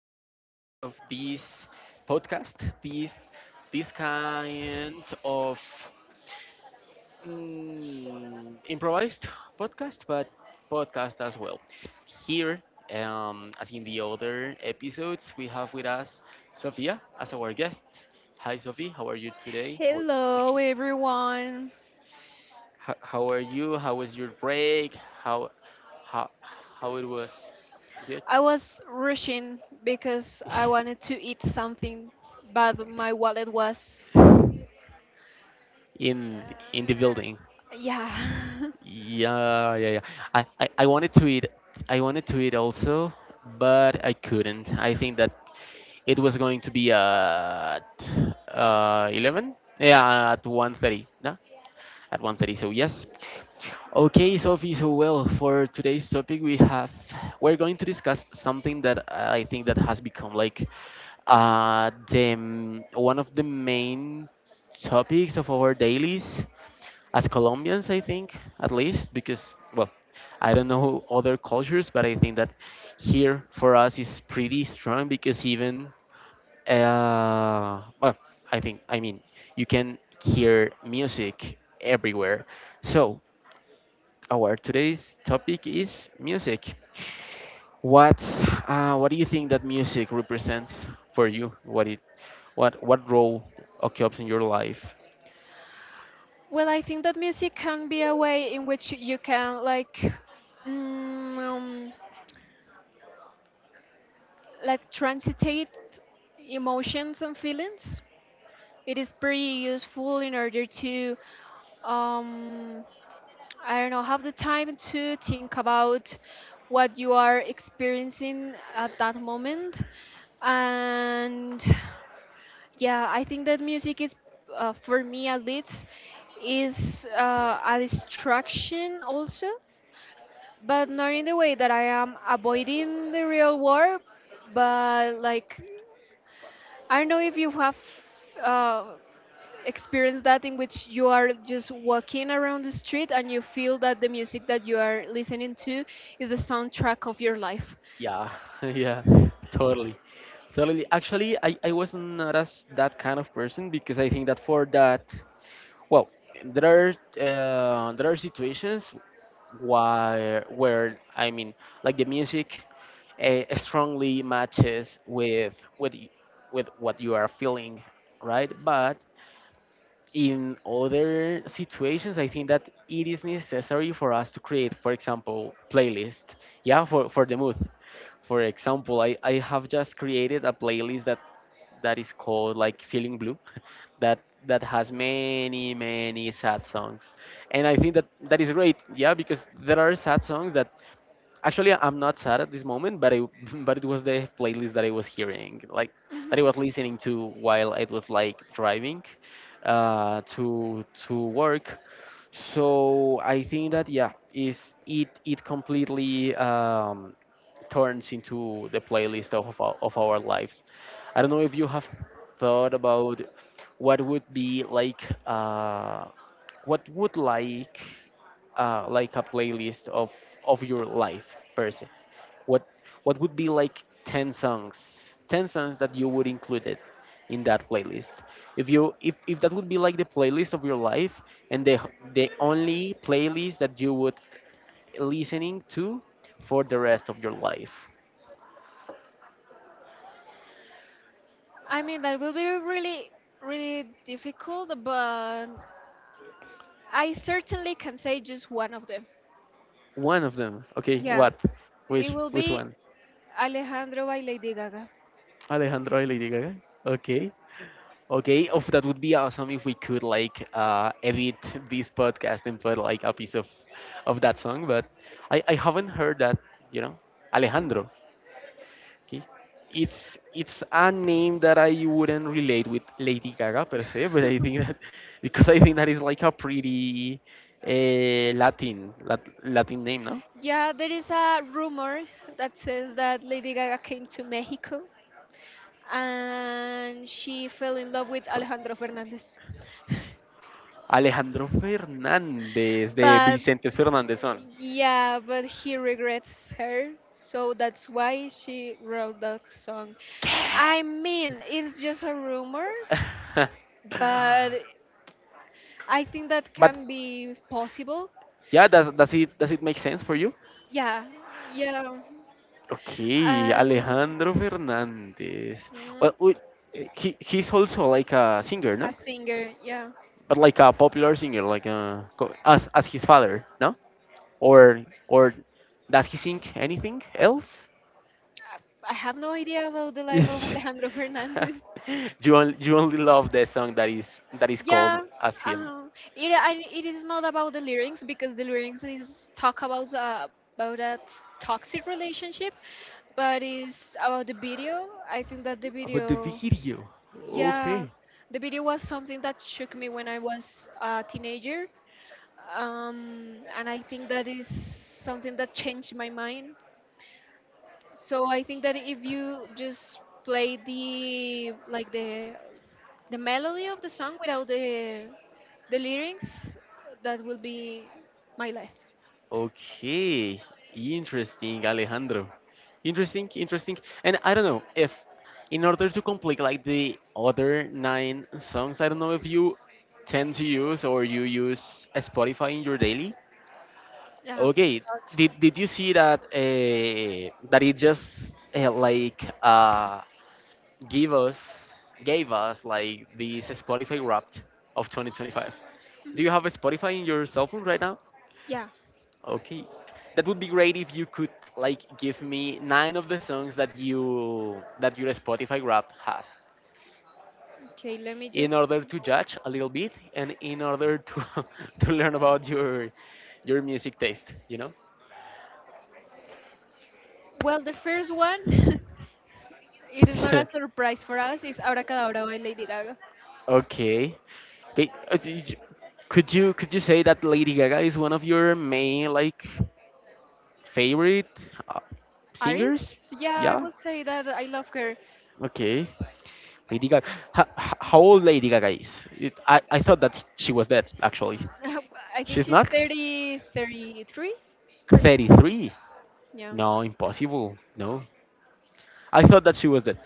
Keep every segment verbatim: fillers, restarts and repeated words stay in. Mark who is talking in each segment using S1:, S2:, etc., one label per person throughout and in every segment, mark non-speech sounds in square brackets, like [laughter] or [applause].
S1: edition of this podcast. This this kind of mm, improvised podcast, but podcast as well. Here, um, as in the other episodes, we have with us Sophia as our guest. Hi Sophie, how are you today? How are you
S2: Hello,
S1: feeling?
S2: everyone.
S1: How, how are you? How was your break? How how how it was? Good.
S2: I was rushing because I wanted
S1: [laughs]
S2: to eat something, but my wallet was.
S1: in in the building.
S2: Yeah.
S1: Yeah, yeah, yeah. I, I, I wanted to eat I wanted to eat also, but I couldn't. I think that it was going to be at uh eleven. Yeah, at one thirty. No? At one thirty. So yes. Okay, Sophie. So well, for today's topic, we have we're going to discuss something that I think that has become like uh the m- one of the main topics of our dailies as Colombians, I think, at least, because, well, I don't know other cultures, but I think that here for us is pretty strong because even, uh, well, I think, I mean, you can hear music everywhere. So, our today's topic is music. What, uh, what do you think that music represents for you? What it, what, what role occupies in your life?
S2: [laughs] well, I think that music can be a way in which you can, like, mm, um, like transitate emotions and feelings. It is pretty useful in order to um, I don't know, have the time to think about what you are experiencing at that moment. And yeah, I think that music is, uh, for me at least, is uh, a distraction also, but not in the way that I am avoiding the real world, but like, I don't know if you have. Uh, Experience that in which you are just walking around the street and you feel that the music that you are listening to is the soundtrack of your life.
S1: Yeah, [laughs] yeah, totally. Totally. Actually, I, I was not as that kind of person because I think that for that, well, there are uh, there are situations where where I mean, like the music uh, strongly matches with with y- with what you are feeling, right? But in other situations, I think that it is necessary for us to create, for example, playlist, yeah, for, for the mood. For example, I, I have just created a playlist that that is called like feeling blue [laughs] that that has many, many sad songs. And I think that that is great, yeah, because there are sad songs that, actually, I'm not sad at this moment, but I [laughs] but it was the playlist that I was hearing, like that
S2: Hmm
S1: I was listening to while I was like driving uh, to to work. So I think that, yeah, is it, it completely um, turns into the playlist of our, of our lives. I don't know if you have thought about what would be like, uh, what would like, uh, like a playlist of of your life per se, what what would be like ten songs, ten songs that you would include it in that playlist, if you if, if that would be like the playlist of your life, and the the only playlist that you would listening to for the rest of your life.
S2: I mean, that will be really, really difficult, but I certainly can say just one of them.
S1: One of them, okay.
S2: Yeah,
S1: What?
S2: it
S1: which
S2: will
S1: which
S2: be
S1: one?
S2: Alejandro by Lady Gaga.
S1: Alejandro y Lady Gaga. Okay. Okay, of that would be awesome if we could like uh, edit this podcast and put like a piece of of that song. But I, I haven't heard that. You know, Alejandro. Okay, it's it's a name that I wouldn't relate with Lady Gaga per se, but I
S2: [laughs]
S1: think that [laughs] because I think that is like a pretty uh, Latin Lat, Latin name, no?
S2: yeah, there is a rumor that says that Lady Gaga came to Mexico and she fell in love with
S1: So
S2: Alejandro Fernandez. [laughs]
S1: Alejandro Fernandez de
S2: but
S1: Vicente
S2: uh,
S1: Fernandez on. [laughs]
S2: yeah, but he regrets her, so that's why she wrote that song. I mean, it's just a rumor, but I think that
S1: But
S2: can be possible.
S1: yeah, does does it does it make sense for you?
S2: Yeah, yeah.
S1: Ok,
S2: Um,
S1: Alejandro Fernandez.
S2: mm,
S1: Well, we, he he's also like a singer,
S2: a
S1: no?
S2: singer, yeah.
S1: But like a popular singer, like a, co- as as his father, no? Or or does he sing anything else?
S2: I I have no idea about the life of
S1: Is-
S2: Alejandro [laughs]
S1: [laughs]
S2: Fernandez.
S1: you only, you only love the song that is that is called
S2: Yeah,
S1: as him.
S2: um, it I, it is not about the lyrics because the lyrics is talk about uh, about a t- toxic relationship, but it's about the video. I think that the
S1: About the
S2: video,
S1: video.
S2: yeah,
S1: Okay.
S2: the video was something that shook me when I was a teenager, um, and I think that is something that changed my mind. So I think that if you just play the like the the melody of the song without the the lyrics that will be my life
S1: Okay, interesting, Alejandro. Interesting, interesting. And I don't know if, in order to complete like the other nine songs, I don't know if you tend to use or you use uh, Spotify in your daily.
S2: yeah
S1: Okay,
S2: but-
S1: did did you see that uh, that it just uh, like uh, give us gave us like this Spotify Wrapped of twenty twenty-five?
S2: Mhm.
S1: Do you have a Spotify in your cell phone right now?
S2: Yeah
S1: Okay. That would be great if you could like give me nine of the songs that you that your Spotify Wrapped has,
S2: okay let me
S1: in
S2: just
S1: order to
S2: go.
S1: judge a little bit and in order to [laughs] to learn about your your music taste, you know?
S2: Well, the first one [laughs] it is not a
S1: [laughs]
S2: surprise for us is abracadabra by Lady Gaga.
S1: Okay. Okay. uh, d- j- Could you could you say that Lady Gaga is one of your main like favorite uh, singers?
S2: Aris, yeah, I
S1: Yeah.
S2: would say that I love her.
S1: Okay. Lady Gaga. How, how old Lady Gaga is? It, I, I thought that she was dead,
S2: Sh-
S1: actually.
S2: sh- [laughs] I think
S1: She's
S2: she's
S1: not?
S2: thirty, thirty-three. Cor-
S1: thirty-three.
S2: yeah,
S1: No, impossible. No. I thought that she was dead.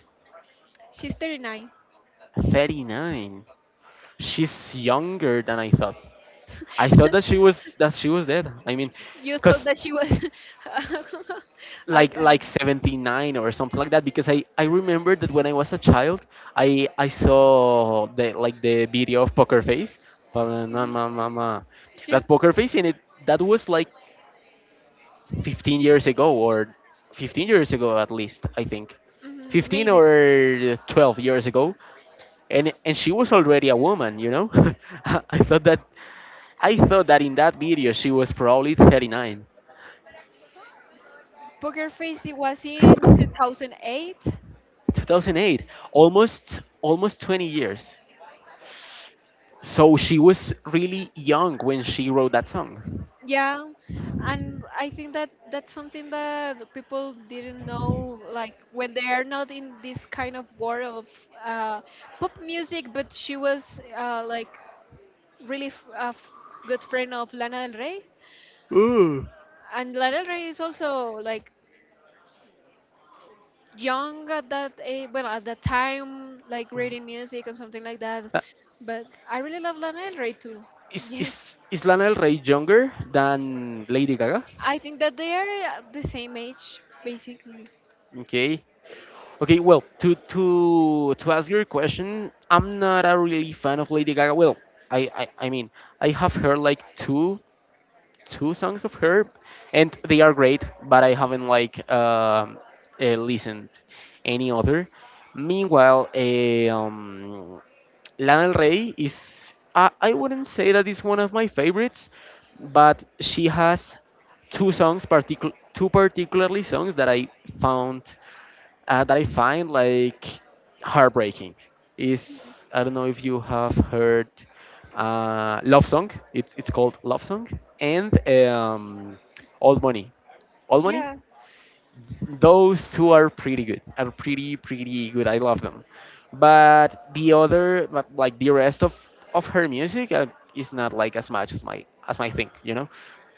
S2: she's thirty-nine.
S1: thirty-nine. She's younger than I thought. I
S2: [laughs]
S1: thought that she was that she was dead. I mean,
S2: You thought
S1: cause
S2: that she was [laughs] a,
S1: like like seventy-nine or something like that. Because I I remember that when I was a child, I I saw the like the video of Poker Face. Mama,
S2: a,
S1: mama, mama.
S2: a,
S1: That Poker Face, and it that was like fifteen years ago or fifteen years ago at least, I think.
S2: Mhm,
S1: fifteen
S2: maybe.
S1: or twelve years ago. and and she was already a woman, you know. [laughs] i I thought that i thought that in that video she was probably thirty-nine.
S2: Poker Face. It was in two thousand eight.
S1: two thousand eight. Almost, almost twenty years. So she was really young when she wrote that song.
S2: Yeah, and I think that that's something that the people didn't know. Like when they are not in this kind of world of uh, pop music, but she was uh, like really f- a f- good friend of Lana Del Rey,
S1: Ooh.
S2: and Lana Del Rey is also like young at that age, well at that time, like reading music and something like that.
S1: Uh,
S2: But I really love Lana Del Rey too.
S1: is is
S2: [laughs]
S1: is Lana Del Rey younger than Lady Gaga?
S2: I think that they are uh, the same age, basically.
S1: Okay. Okay, well, to to to ask your question, I'm not a really fan of Lady Gaga. Well, I I, I mean, I have heard like two two songs of her, and they are great, but I haven't like um uh, listened any other. Meanwhile, eh, um, Lana Del Rey is, I, I wouldn't say that is one of my favorites, but she has two songs particu two particularly songs that I found, uh, that I find like heartbreaking. Is, I don't know if you have heard uh, Love Song. It's it's called Love Song and um, Old Money. Old Money,
S2: Yeah.
S1: those two are pretty good. Are pretty, pretty good. I love them. But the other, but like the rest of of her music, uh, is not like as much as my, as my thing. You know.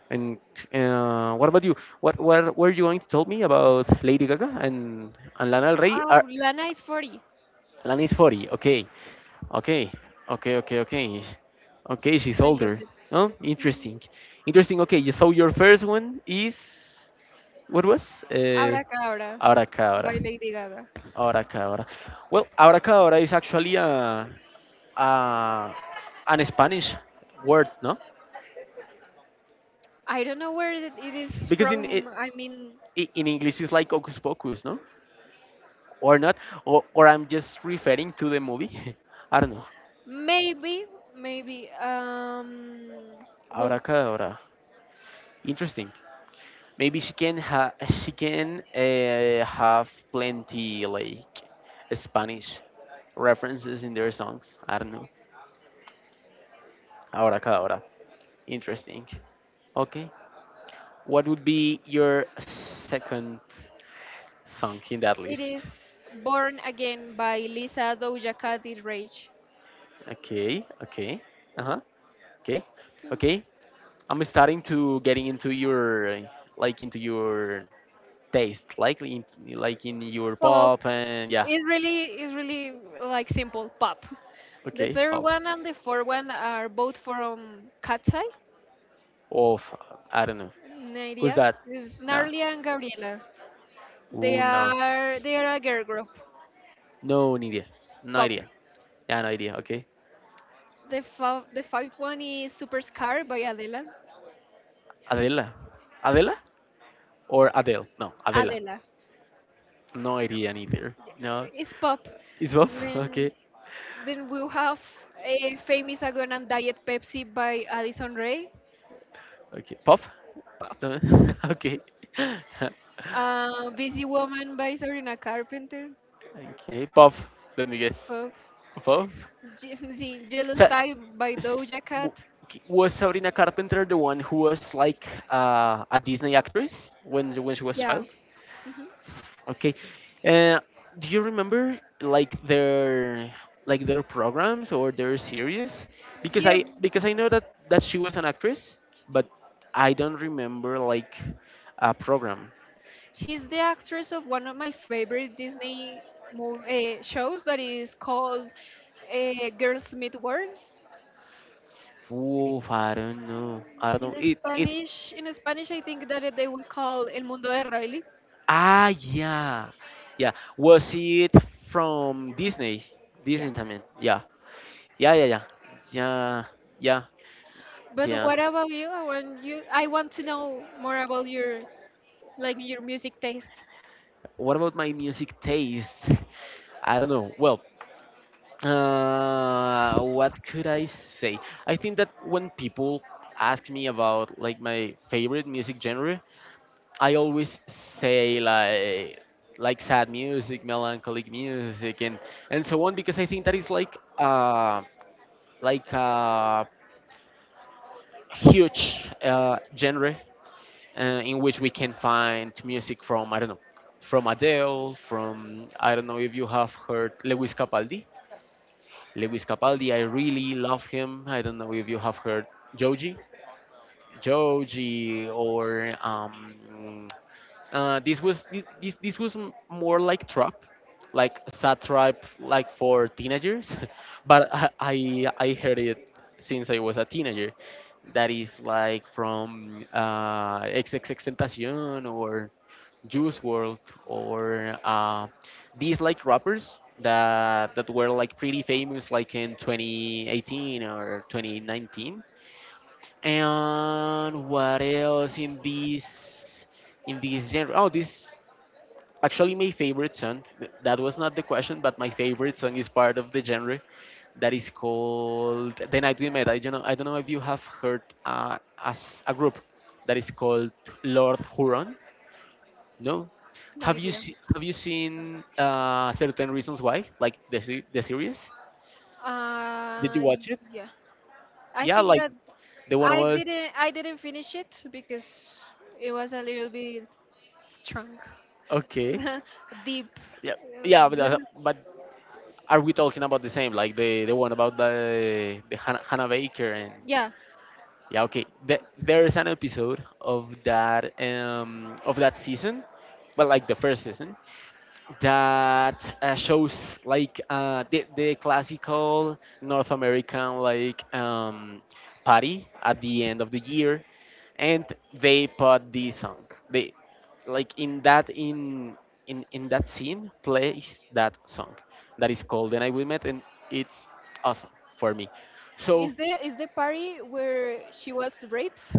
S1: And uh, what about you? What what were you going to tell me about Lady Gaga and and Lana Del Rey?
S2: Uh,
S1: Are,
S2: Lana is forty.
S1: Lana is forty. Okay, okay, okay, okay, okay. Okay, she's
S2: I love
S1: older.
S2: it.
S1: No,
S2: Hmm
S1: interesting, interesting. Okay, you- so your first one is what was? Uh,
S2: Abracadabra
S1: Abracadabra.
S2: by Lady Gaga.
S1: Abracadabra. Well, abracadabra is actually a, a an Spanish word, no?
S2: I don't know where it it is
S1: Because in i-
S2: from. I mean,
S1: i- in English it's like hocus pocus, no? Or not? Or, or I'm just referring to the movie. [laughs] I don't know.
S2: maybe, maybe. Um, well,
S1: Abracadabra. Interesting. Maybe she can ha she can uh, have plenty like Spanish references in their songs. I don't know. Abracadabra. Interesting. Okay. What would be your second song in that
S2: it
S1: list?
S2: is Born Again by Lisa Doja Cat is Rage.
S1: Okay, okay. Uh-huh. Okay. Okay. I'm starting to getting into your like into your taste, like in like in your
S2: Pop,
S1: pop and yeah.
S2: it really is really like simple pop. The
S1: Okay,
S2: third
S1: pop.
S2: one and the fourth one are both from Katsai,
S1: Of I don't know. Who's
S2: Nadia.
S1: that?
S2: Is
S1: Nah.
S2: Narlia and Gabriela. They
S1: Ooh no.
S2: are they are a girl group.
S1: No idea. No
S2: Pop.
S1: idea. Yeah, no idea. Okay.
S2: The fa- the fifth one is Superscar by Adela.
S1: Adela. Adela? Or Adele? No, Adela.
S2: Adela.
S1: No
S2: Yeah.
S1: idea neither. No.
S2: It's pop.
S1: Is Bob? [laughs]
S2: Then
S1: Okay.
S2: then we'll have a famous Agon and Diet Pepsi by Addison Ray.
S1: Okay, pop.
S2: Pop.
S1: Do [laughs] okay.
S2: Uh, Busy Woman by Sabrina Carpenter.
S1: [laughs] Okay, pop. Let me guess.
S2: Pop.
S1: Pop.
S2: Je- [laughs] sí, Jealous
S1: So,
S2: Type by
S1: s-
S2: Doja Cat.
S1: w- k- was Sabrina Carpenter the one who was like uh, a Disney actress when when she was
S2: Yeah.
S1: child?
S2: Mhm.
S1: Okay. Uh, do you remember like their like their programs or their series? Because
S2: Yeah,
S1: I, because I know that that she was an actress, but I don't remember like a program.
S2: she's the actress of one of my favorite Disney movie, uh, shows that is called uh, Girls Meet World.
S1: Oof, I don't know. I don't know.
S2: In
S1: It it
S2: Spanish, in Spanish, I think that they will call El Mundo de Riley.
S1: ah, yeah. Yeah. Was it from Disney?
S2: Yeah.
S1: Disney también. Yeah. Yeah, yeah, yeah. Yeah. Yeah.
S2: But
S1: Yeah.
S2: what about you? I want you. I want to know more about your like your music taste.
S1: What about my music taste? [laughs] I don't know. Well, uh what could I say? I think that when people ask me about like my favorite music genre, I always say like like sad music, melancholic music, and and so on, because I think that is like uh like a huge uh, genre uh, in which we can find music from, I don't know, from Adele, from, I don't know if you have heard Lewis Capaldi. Lewis Capaldi, I really love him. I don't know if you have heard Joji, Joji, or um, Uh, this was thi- this this was m- more like trap, like sad trap, like for teenagers, [laughs] but I, I I heard it since I was a teenager. That is like from uh, XXXTentacion or Juice World or uh, these like rappers that that were like pretty famous like in twenty eighteen or twenty nineteen. And what else in this in this genre? Oh, this, actually, my favorite song, th- that was not the question, but my favorite song is part of the genre that is called The Night We Met. I don't know, I don't know if you have heard uh, as a group that is called Lord Huron. No?
S2: No
S1: Have you,
S2: idea.
S1: se- have you seen uh, Certain Reasons Why? Like the, se- the series? Did you
S2: Uh,
S1: watch
S2: y-
S1: it?
S2: yeah. I
S1: Yeah,
S2: think
S1: like
S2: that
S1: the one
S2: I
S1: was
S2: didn't I didn't finish it because it was a little bit strong,
S1: okay.
S2: [laughs] deep.
S1: Yeah,
S2: Uh,
S1: yeah, but, uh,
S2: but-
S1: but are we talking about the same? Like the the one about the the Hannah, Hannah Baker and
S2: yeah.
S1: yeah, okay. The, there's an episode of that um, of that season, well, like the first season, that uh, shows like uh, the the classical North American like um, party at the end of the year, and they put this song. They like in that in in in that scene plays that song that is called "And I Will Met," and it's awesome for me. So
S2: Is there is the party where she was raped,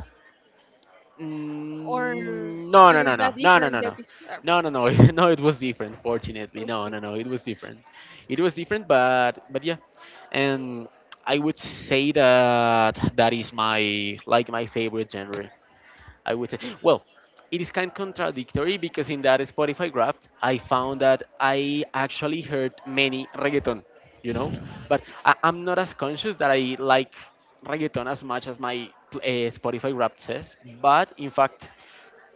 S2: or
S1: Mm, no,
S2: it
S1: no, no,
S2: is
S1: no,
S2: that
S1: no, no, no,
S2: different
S1: no,
S2: episode? Uh,
S1: no, no, no, [laughs] no. It was different. Fortunately, no,
S2: Okay.
S1: no, no. It was different. It was different, but but yeah, and I would say that that is my like my favorite genre. I would say, well, it is kind of contradictory because in that Spotify Wrapped, I found that I actually heard many reggaeton, you know, but I, I'm not as conscious that I like reggaeton as much as my uh, Spotify Wrapped says. But in fact,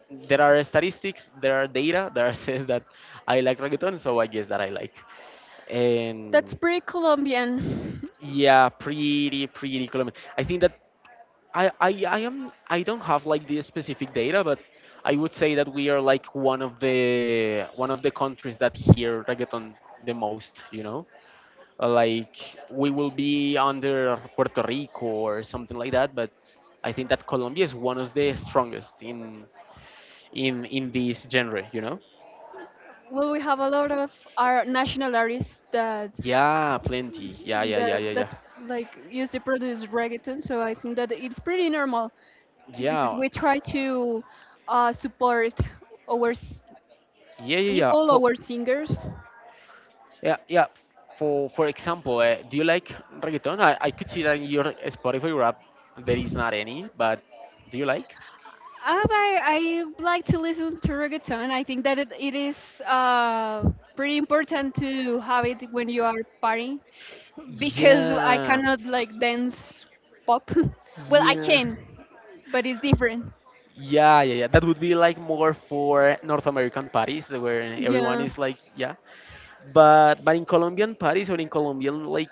S1: there are statistics, there are data that [laughs] says that I like reggaeton, so I guess that I like.
S2: That's
S1: And
S2: pretty Colombian. [laughs]
S1: yeah, pretty, pretty common. I think that I, I I am I don't have like the specific data, but I would say that we are like one of the one of the countries that hear reggaeton the most. You know, Uh, like we will be under Puerto Rico or something like that, but I think that Colombia is one of the strongest in in in this genre. You know?
S2: Well, we have a lot of our national artists that
S1: Yeah, plenty. Yeah, yeah, yeah,
S2: that
S1: yeah,
S2: that
S1: yeah.
S2: like used to produce reggaeton, so I think that it's pretty normal because
S1: Yeah,
S2: we try to uh, support our s-
S1: yeah, yeah, yeah.
S2: people,
S1: For
S2: our singers.
S1: yeah, yeah. For for example, uh, do you like reggaeton? I, I could see that in your Spotify rap there is not any, but do you like?
S2: Uh, I, I like to listen to reggaeton. I think that it, it is uh, pretty important to have it when you are partying because I
S1: Yeah,
S2: cannot like dance pop. [laughs] Well, I
S1: yeah,
S2: can but it's different.
S1: yeah, yeah, yeah. That would be like more for North American parties where everyone
S2: Yeah.
S1: is like, yeah. But but in Colombian parties or in Colombian like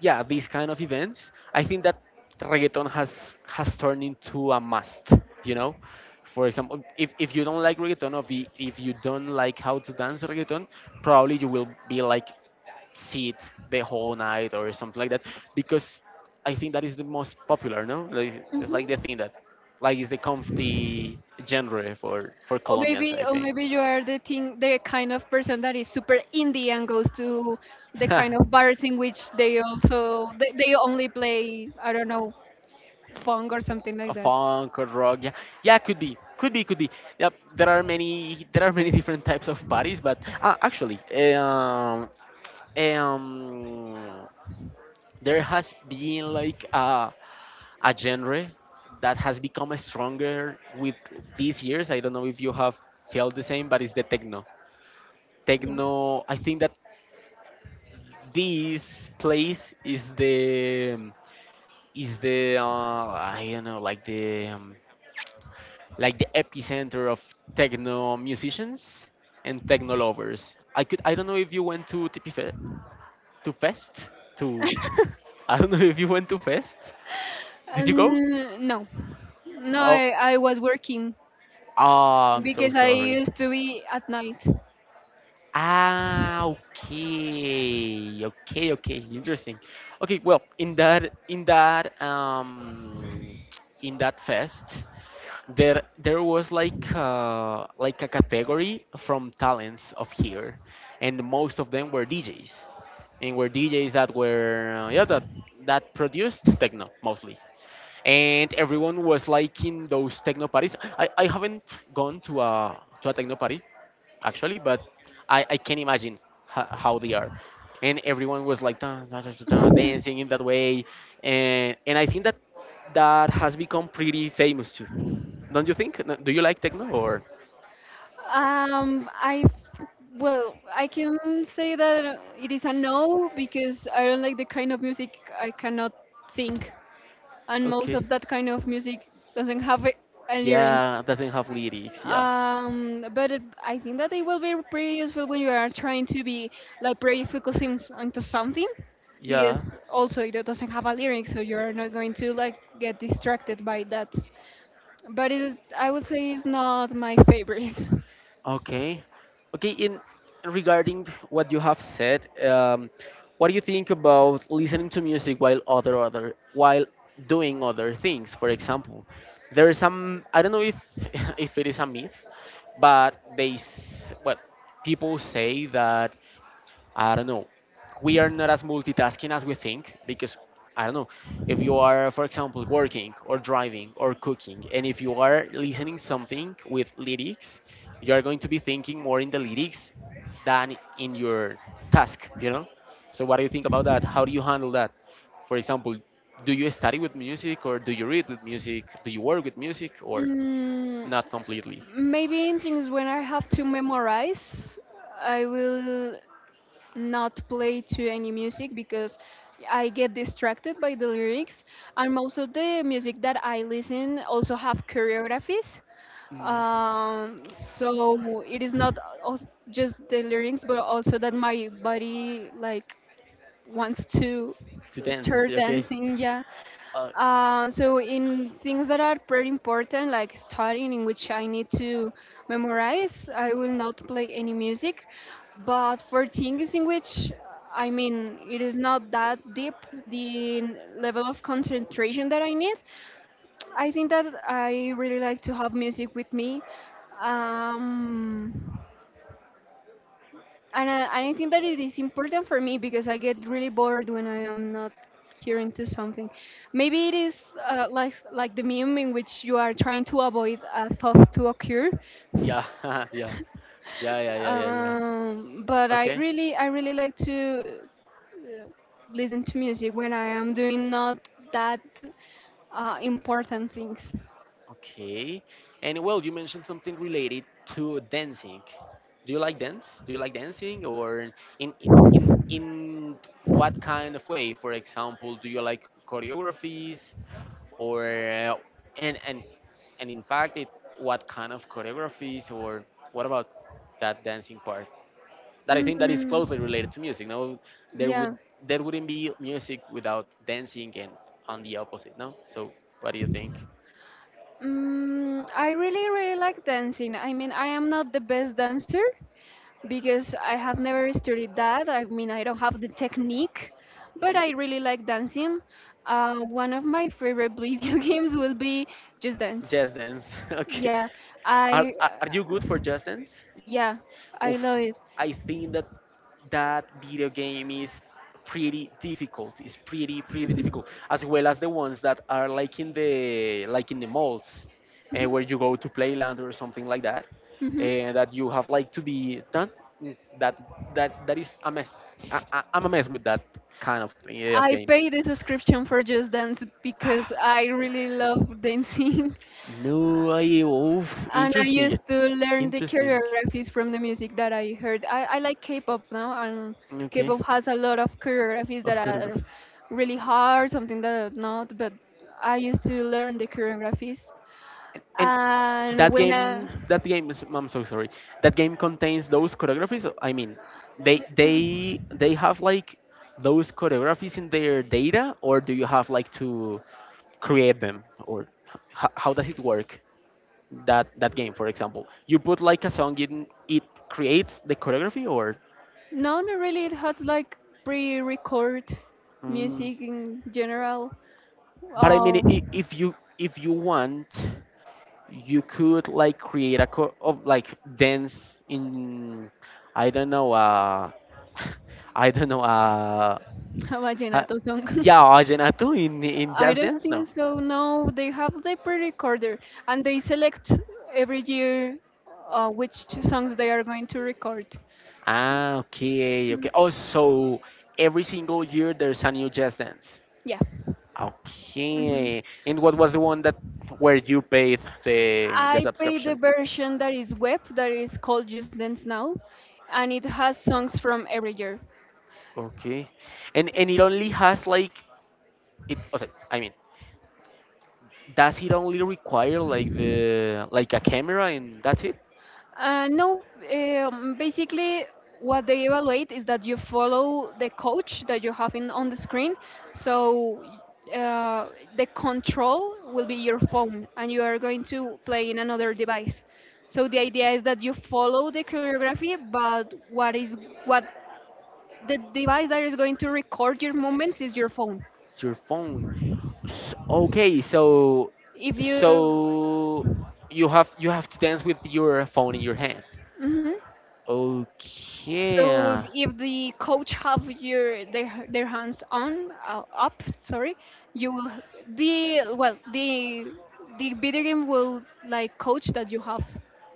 S1: yeah, these kind of events, I think that reggaeton has has turned into a must. You know, for example, if, if you don't like reggaeton or the, if you don't like how to dance reggaeton, probably you will be like sit the whole night or something like that because I think that is the most popular. No, like, it's like the thing that like is the comfy genre for for
S2: Or
S1: Colombians.
S2: maybe,
S1: I
S2: or
S1: think.
S2: maybe you are the thing, the kind of person that is super indie and goes to the kind of
S1: [laughs]
S2: bars in which they also they, they only play, I don't know, funk or something like
S1: A
S2: that.
S1: funk or rock. Yeah, yeah, could be, could be, could be. Yep, there are many, there are many [laughs] different types of parties, but uh, actually, um, um, there has been like a a genre that has become stronger with these years. I don't know if you have felt the same, but it's the techno.
S2: Yeah.
S1: Techno. I think that this place is the is the uh, I don't know like the um, like the epicenter of techno musicians and techno lovers. I could I don't know if you went to T P Fe- to Fest to [laughs] I don't know if you went to Fest. Did you go?
S2: Um, no, no,
S1: Oh,
S2: I, I was working
S1: ah, I'm so
S2: because I
S1: sorry.
S2: used to be at night.
S1: Ah, okay, okay, okay, interesting. Okay, well, in that in that um in that fest, there there was like uh, like a category from talents of here, and most of them were D Js, and were D Js that were uh, yeah that that produced techno mostly, and everyone was like in those techno parties. I, I haven't gone to a to a techno party actually, but I I can imagine ho- how they are. And everyone was like dun, dun, dun, dun, dun, dancing
S2: [laughs]
S1: in that way, and and I think that that has become pretty famous too, don't you think? No- Do you like techno or?
S2: Um, I well, I can say that it is a no because I don't like the kind of music I cannot sing. And most
S1: Okay.
S2: of that kind of music doesn't have a, a lyrics.
S1: Yeah, doesn't have lyrics. Yeah.
S2: Um, but it, I think that they will be pretty useful when you are trying to be like pretty focusing s- onto something,
S1: Yeah.
S2: because also it doesn't have a lyric, so you're not going to like get distracted by that. But it, I would say it's not my favorite. [laughs]
S1: Okay. Okay. In regarding what you have said, um, what do you think about listening to music while other other while doing other things? For example, there is some I don't know if [laughs] if it is a myth, but they s- well people say that I don't know. We are not as multitasking as we think because I don't know. If you are, for example, working or driving or cooking, and if you are listening something with lyrics, you are going to be thinking more in the lyrics than in your task. You know. So what do you think about that? How do you handle that? For example, do you study with music or do you read with music? Do you work with music or
S2: Mm,
S1: not completely?
S2: maybe in things when I have to memorize, I will not play to any music because I get distracted by the lyrics. And most of the music that I listen also have choreographies.
S1: Mm.
S2: Um, so it is not als- just the lyrics, but also that my body like wants to
S1: It depends.
S2: start
S1: Okay.
S2: dancing. Yeah,
S1: Uh,
S2: uh, so in things that are pretty important, like studying, in which I need to memorize, I will not play any music. But for things in which, I mean, it is not that deep, the level of concentration that I need, I think that I really like to have music with me. Um, and I, and I think that it is important for me because I get really bored when I am not hearing to something. Maybe it is uh, like like the meme in which you are trying to avoid a thought to occur. [laughs]
S1: yeah. [laughs] Yeah. Yeah. Yeah. Yeah. Yeah. Yeah.
S2: Um, but I
S1: Okay,
S2: really I really like to uh, listen to music when I am doing not that uh, important things.
S1: okay. And well, you mentioned something related to dancing. Do you like dance? Do you like dancing, or in in in, in what kind of way? For example, do you like choreographies, or uh, and and and in fact, it, what kind of choreographies, or what about that dancing part? That I think that is closely related
S2: Mm,
S1: to music. No, there
S2: yeah.
S1: would there wouldn't be music without dancing, and on the opposite. No. So, what do you think?
S2: Mm, I really really like dancing. I mean, I am not the best dancer, because I have never studied that. I mean, I don't have the technique, but I really like dancing. Uh, one of my favorite video [laughs] games will be Just Dance.
S1: Just Dance. [laughs] Okay.
S2: Yeah,
S1: Are,
S2: I
S1: are are you
S2: uh,
S1: good for Just Dance?
S2: yeah, I
S1: Oof.
S2: love it.
S1: I think that that video game is pretty difficult. It's pretty pretty difficult,
S2: [laughs]
S1: as well as the ones that are like in the like in the malls, eh, where you go to Playland or something like that,
S2: hmm
S1: and that you have like to be done. Mm, that that that is a mess. I, I, I'm a mess with that kind of eh, of
S2: I
S1: games.
S2: pay the subscription for Just Dance because I really love dancing. [laughs]
S1: No, I oof,
S2: And I
S1: interesting,
S2: used to learn the
S1: interesting.
S2: choreographies from the music that I heard. I, I like K-pop now, and
S1: Okay,
S2: K-pop has a lot of choreographies that
S1: of
S2: are
S1: choreography.
S2: really hard, something that are not, but I used to learn the choreographies.
S1: And
S2: And
S1: that
S2: when I,
S1: game, that game is, I'm so sorry. That game contains those choreographies. I mean, they they
S2: mm,
S1: they have like those choreographies in their data, or do you have like to create them, or h- how does it work? That that game, for example, you put like a song in, it creates the choreography, or.
S2: no, not really, it has like pre-record
S1: Mm,
S2: music in general.
S1: but I mean,
S2: Oh,
S1: I- if you if you want. You could like create a co- of like dance in I don't know uh [laughs] I don't know uh
S2: [laughs] a
S1: ha-
S2: vallenato song. [laughs]
S1: yeah Argenatu in in
S2: I
S1: Just
S2: don't
S1: Dance
S2: think
S1: now.
S2: so. No, they have the pre-recorder and they select every year uh, which songs they are going to record.
S1: Ah, okay,
S2: Mm,
S1: okay. Oh, so every single year there's a new Just Dance.
S2: yeah. hmm
S1: Okay. And what was the one that where you paid the the
S2: I pay the
S1: subscription?
S2: version that is web, that is called Just Dance Now, and it has songs from every year.
S1: Okay. And and it only has like it okay, I mean, does it only require like the like a camera and that's it?
S2: Uh, no, um, basically what they evaluate is that you follow the coach that you have in on the screen. So uh, the control will be your phone, and you are going to play in another device. So the idea is that you follow the choreography, but what is what the device that is going to record your movements is your phone.
S1: It's your phone. S- okay, so
S2: If you,
S1: so you have you have to dance with your phone in your hand.
S2: mhm.
S1: Okay,
S2: So if the coach have your their, their hands on uh, up, sorry, you will the well the the video game will like coach that you have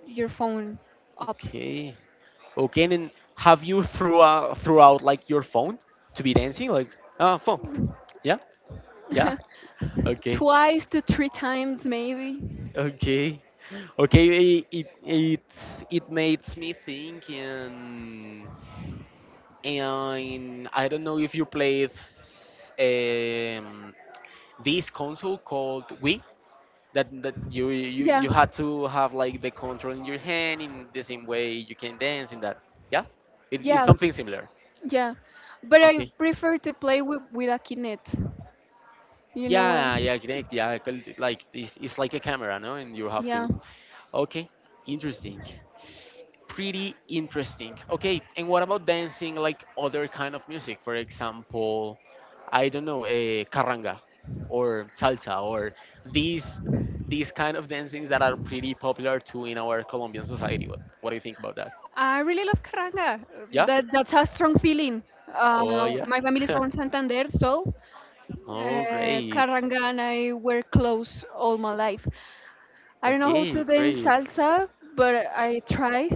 S2: your phone up.
S1: okay, okay. And then have you threw out, threw out like your phone to be dancing like uh phone? Yeah, yeah.
S2: [laughs]
S1: Okay,
S2: Twice to three times maybe.
S1: okay, okay. It it it, it makes me think and and I don't know if you played s- um, this console called Wii that that you, you
S2: Yeah,
S1: you had to have like the control in your hand in the same way you can dance in that. Yeah, it, it's
S2: yeah,
S1: something similar.
S2: yeah. But I
S1: Okay.
S2: prefer to play with with a kinet. You know where?
S1: Yeah, yeah, connect. Yeah, col- like it's, it's like a camera, no? And you have to.
S2: Yeah.
S1: Okay, interesting. Pretty interesting. Okay, and what about dancing like other kind of music? For example, I don't know, a carranga or salsa or these these kind of dancings that are pretty popular too in our Colombian society. What, what do you think about that?
S2: I really love Carranga.
S1: Yeah?
S2: That that's a strong feeling. Uh,
S1: Oh yeah.
S2: my family is
S1: [laughs]
S2: from Santander, so
S1: Oh
S2: Uh,
S1: great.
S2: carranga I wear clothes all my life. I don't know how to
S1: Okay,
S2: dance
S1: great.
S2: salsa, but I try.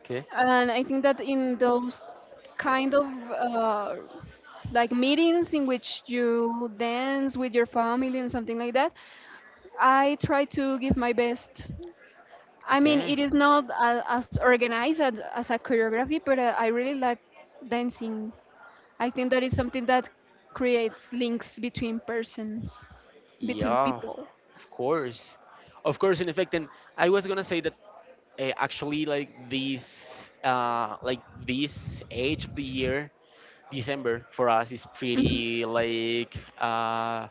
S1: Okay.
S2: And I think that in those kind of uh, like meetings in which you dance with your family and something like that, I try to give my best. I mean,
S1: Okay.
S2: it is not a, as organized as, as a choreography, but uh, I really like dancing. I think that is something that creates links between persons, between
S1: Yeah.
S2: people.
S1: Of course. Of course, in effect, and I was gonna say that uh, actually like this uh like this age of the year, december for us is
S2: Hmm
S1: pretty like uh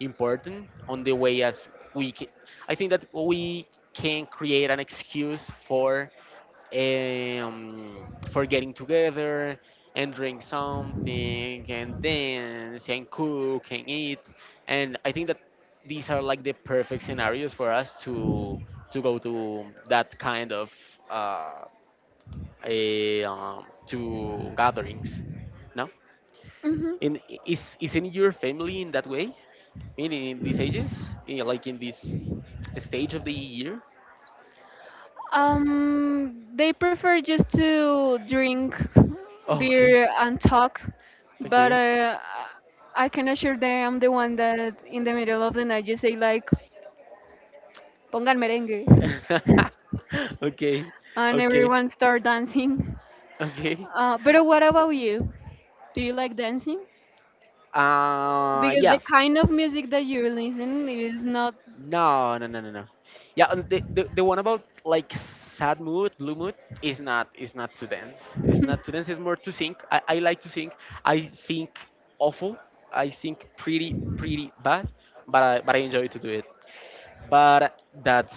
S1: important on the way as we ca- I think that we can create an excuse for um, for getting together and drink something and dance and cook and eat. And I think that these are like the perfect scenarios for us to to go to that kind of uh, a, um, to gatherings. No,
S2: hmm
S1: in I- is is in your family in that way? In, in these ages, in, like in this stage of the year?
S2: Um, they prefer just to drink
S1: Okay,
S2: beer and talk, but
S1: okay,
S2: uh, I can assure them I'm the one that in the middle of the night just say like "pongan merengue"
S1: [laughs] okay,
S2: and
S1: okay.
S2: everyone start dancing.
S1: Okay.
S2: Uh, but what about you? Do you like dancing?
S1: Uh,
S2: Because the
S1: yeah.
S2: kind of music that you listen is not
S1: No, no, no, no, no. Yeah, and the, the the one about like sad mood, blue mood is not is not to dance. It's not to dance. It's more to sing. I, I like to sing. I sing awful. I sing pretty pretty bad, but I, but I enjoy to do it. But that's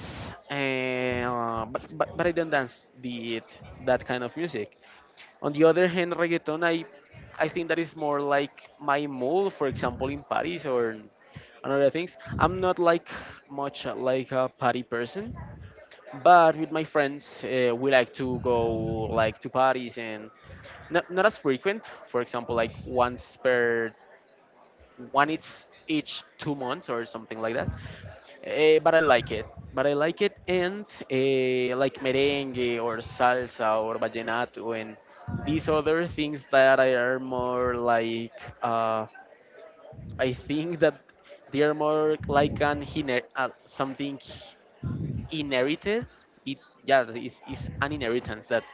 S1: uh, but, but but I don't dance the that kind of music. On the other hand, reggaeton, I, I think that is more like my mood, for example, in Paris or and other things. I'm not like much uh, like a party person, but with my friends, uh, we like to go like to parties and not, not as frequent. For example, like once per one each each two months or something like that. Eh, but I like it. But I like it, and eh, like merengue or salsa or vallenato and these other things that are more like. Uh, I think that they are more like an hiner- uh, something inherited it, yeah, it's, it's an inheritance that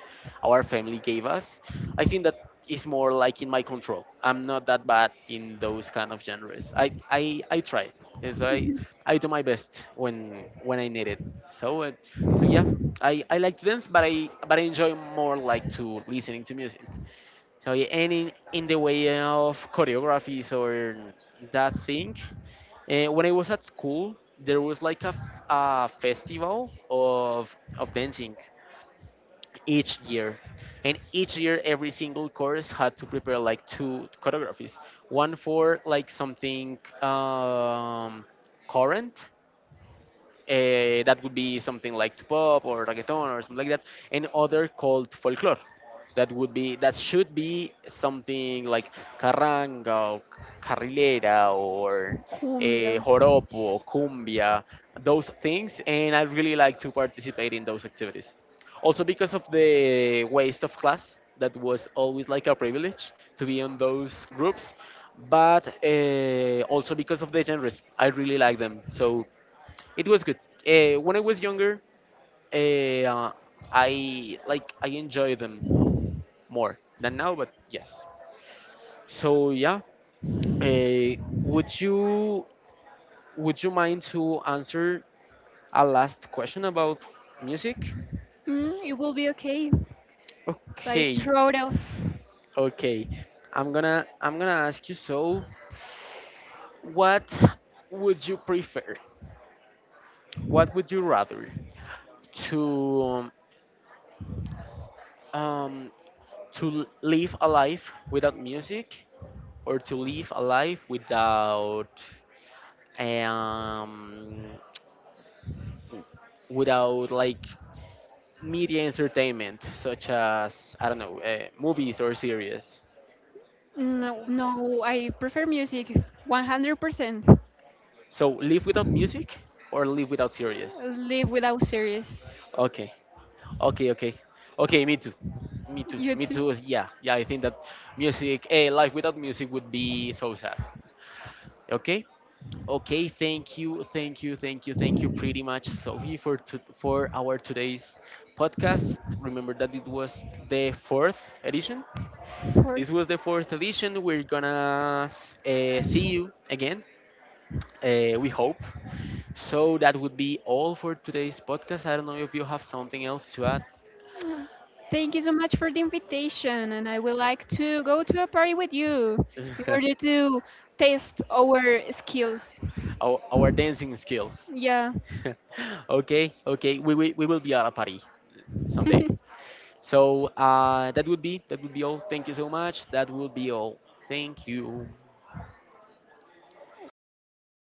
S1: our family gave us. I think that is more like in my control. I'm not that bad in those kind of genres. i i, I try, yes, i I do my best when when I need it. So uh, so yeah, I, I like to dance but i but I enjoy more like to listening to music, so yeah, and in, in the way of choreographies or that thing, uh, when I was at school, there was like a, f- a festival of of dancing each year, and each year every single course had to prepare like two choreographies, one for like something um, current uh, that would be something like pop or reggaeton or something like that, and other called folklore. That would be that should be something like carranga or carrilera or eh,
S2: cumbia.
S1: joropo, cumbia, those things, and I really like to participate in those activities. Also because of the waste of class, that was always like a privilege to be on those groups, but uh, also because of the genres, I really like them. So it was good. Uh, when I was younger, eh, uh, I like I enjoy them more than now, but yes. So yeah, uh, would you would you mind to answer a last question about music?
S2: Mm, it will be okay. Like
S1: Okay,
S2: throat of
S1: okay. I'm gonna I'm gonna ask you. So, what would you prefer? What would you rather to um, um to l- live a life without music or to live a life without um, without like media entertainment such as I don't know uh, movies or series.
S2: no, no, I prefer music one hundred percent.
S1: So live without music or live without series.
S2: Live without series.
S1: Okay, okay, okay, okay. Me too. Me too.
S2: You
S1: Me
S2: too.
S1: too. Yeah, yeah. I think that music, a life without music would be so sad. Okay. Okay, thank you, thank you, thank you, thank you pretty much, Sophie, for to, for our today's podcast. Remember that it was the fourth edition.
S2: For
S1: This was the fourth edition. We're gonna uh, see you again. Uh, we hope. So that would be all for today's podcast. I don't know if you have something else to add.
S2: mm, thank you so much for the invitation, and I would like to go to a party with you in order
S1: [laughs]
S2: to test our skills.
S1: our, our dancing skills.
S2: Yeah.
S1: [laughs] Okay, okay, we, we we will be at a party someday.
S2: [laughs]
S1: So uh, that would be that would be all. Thank you so much. That would be all. Thank you.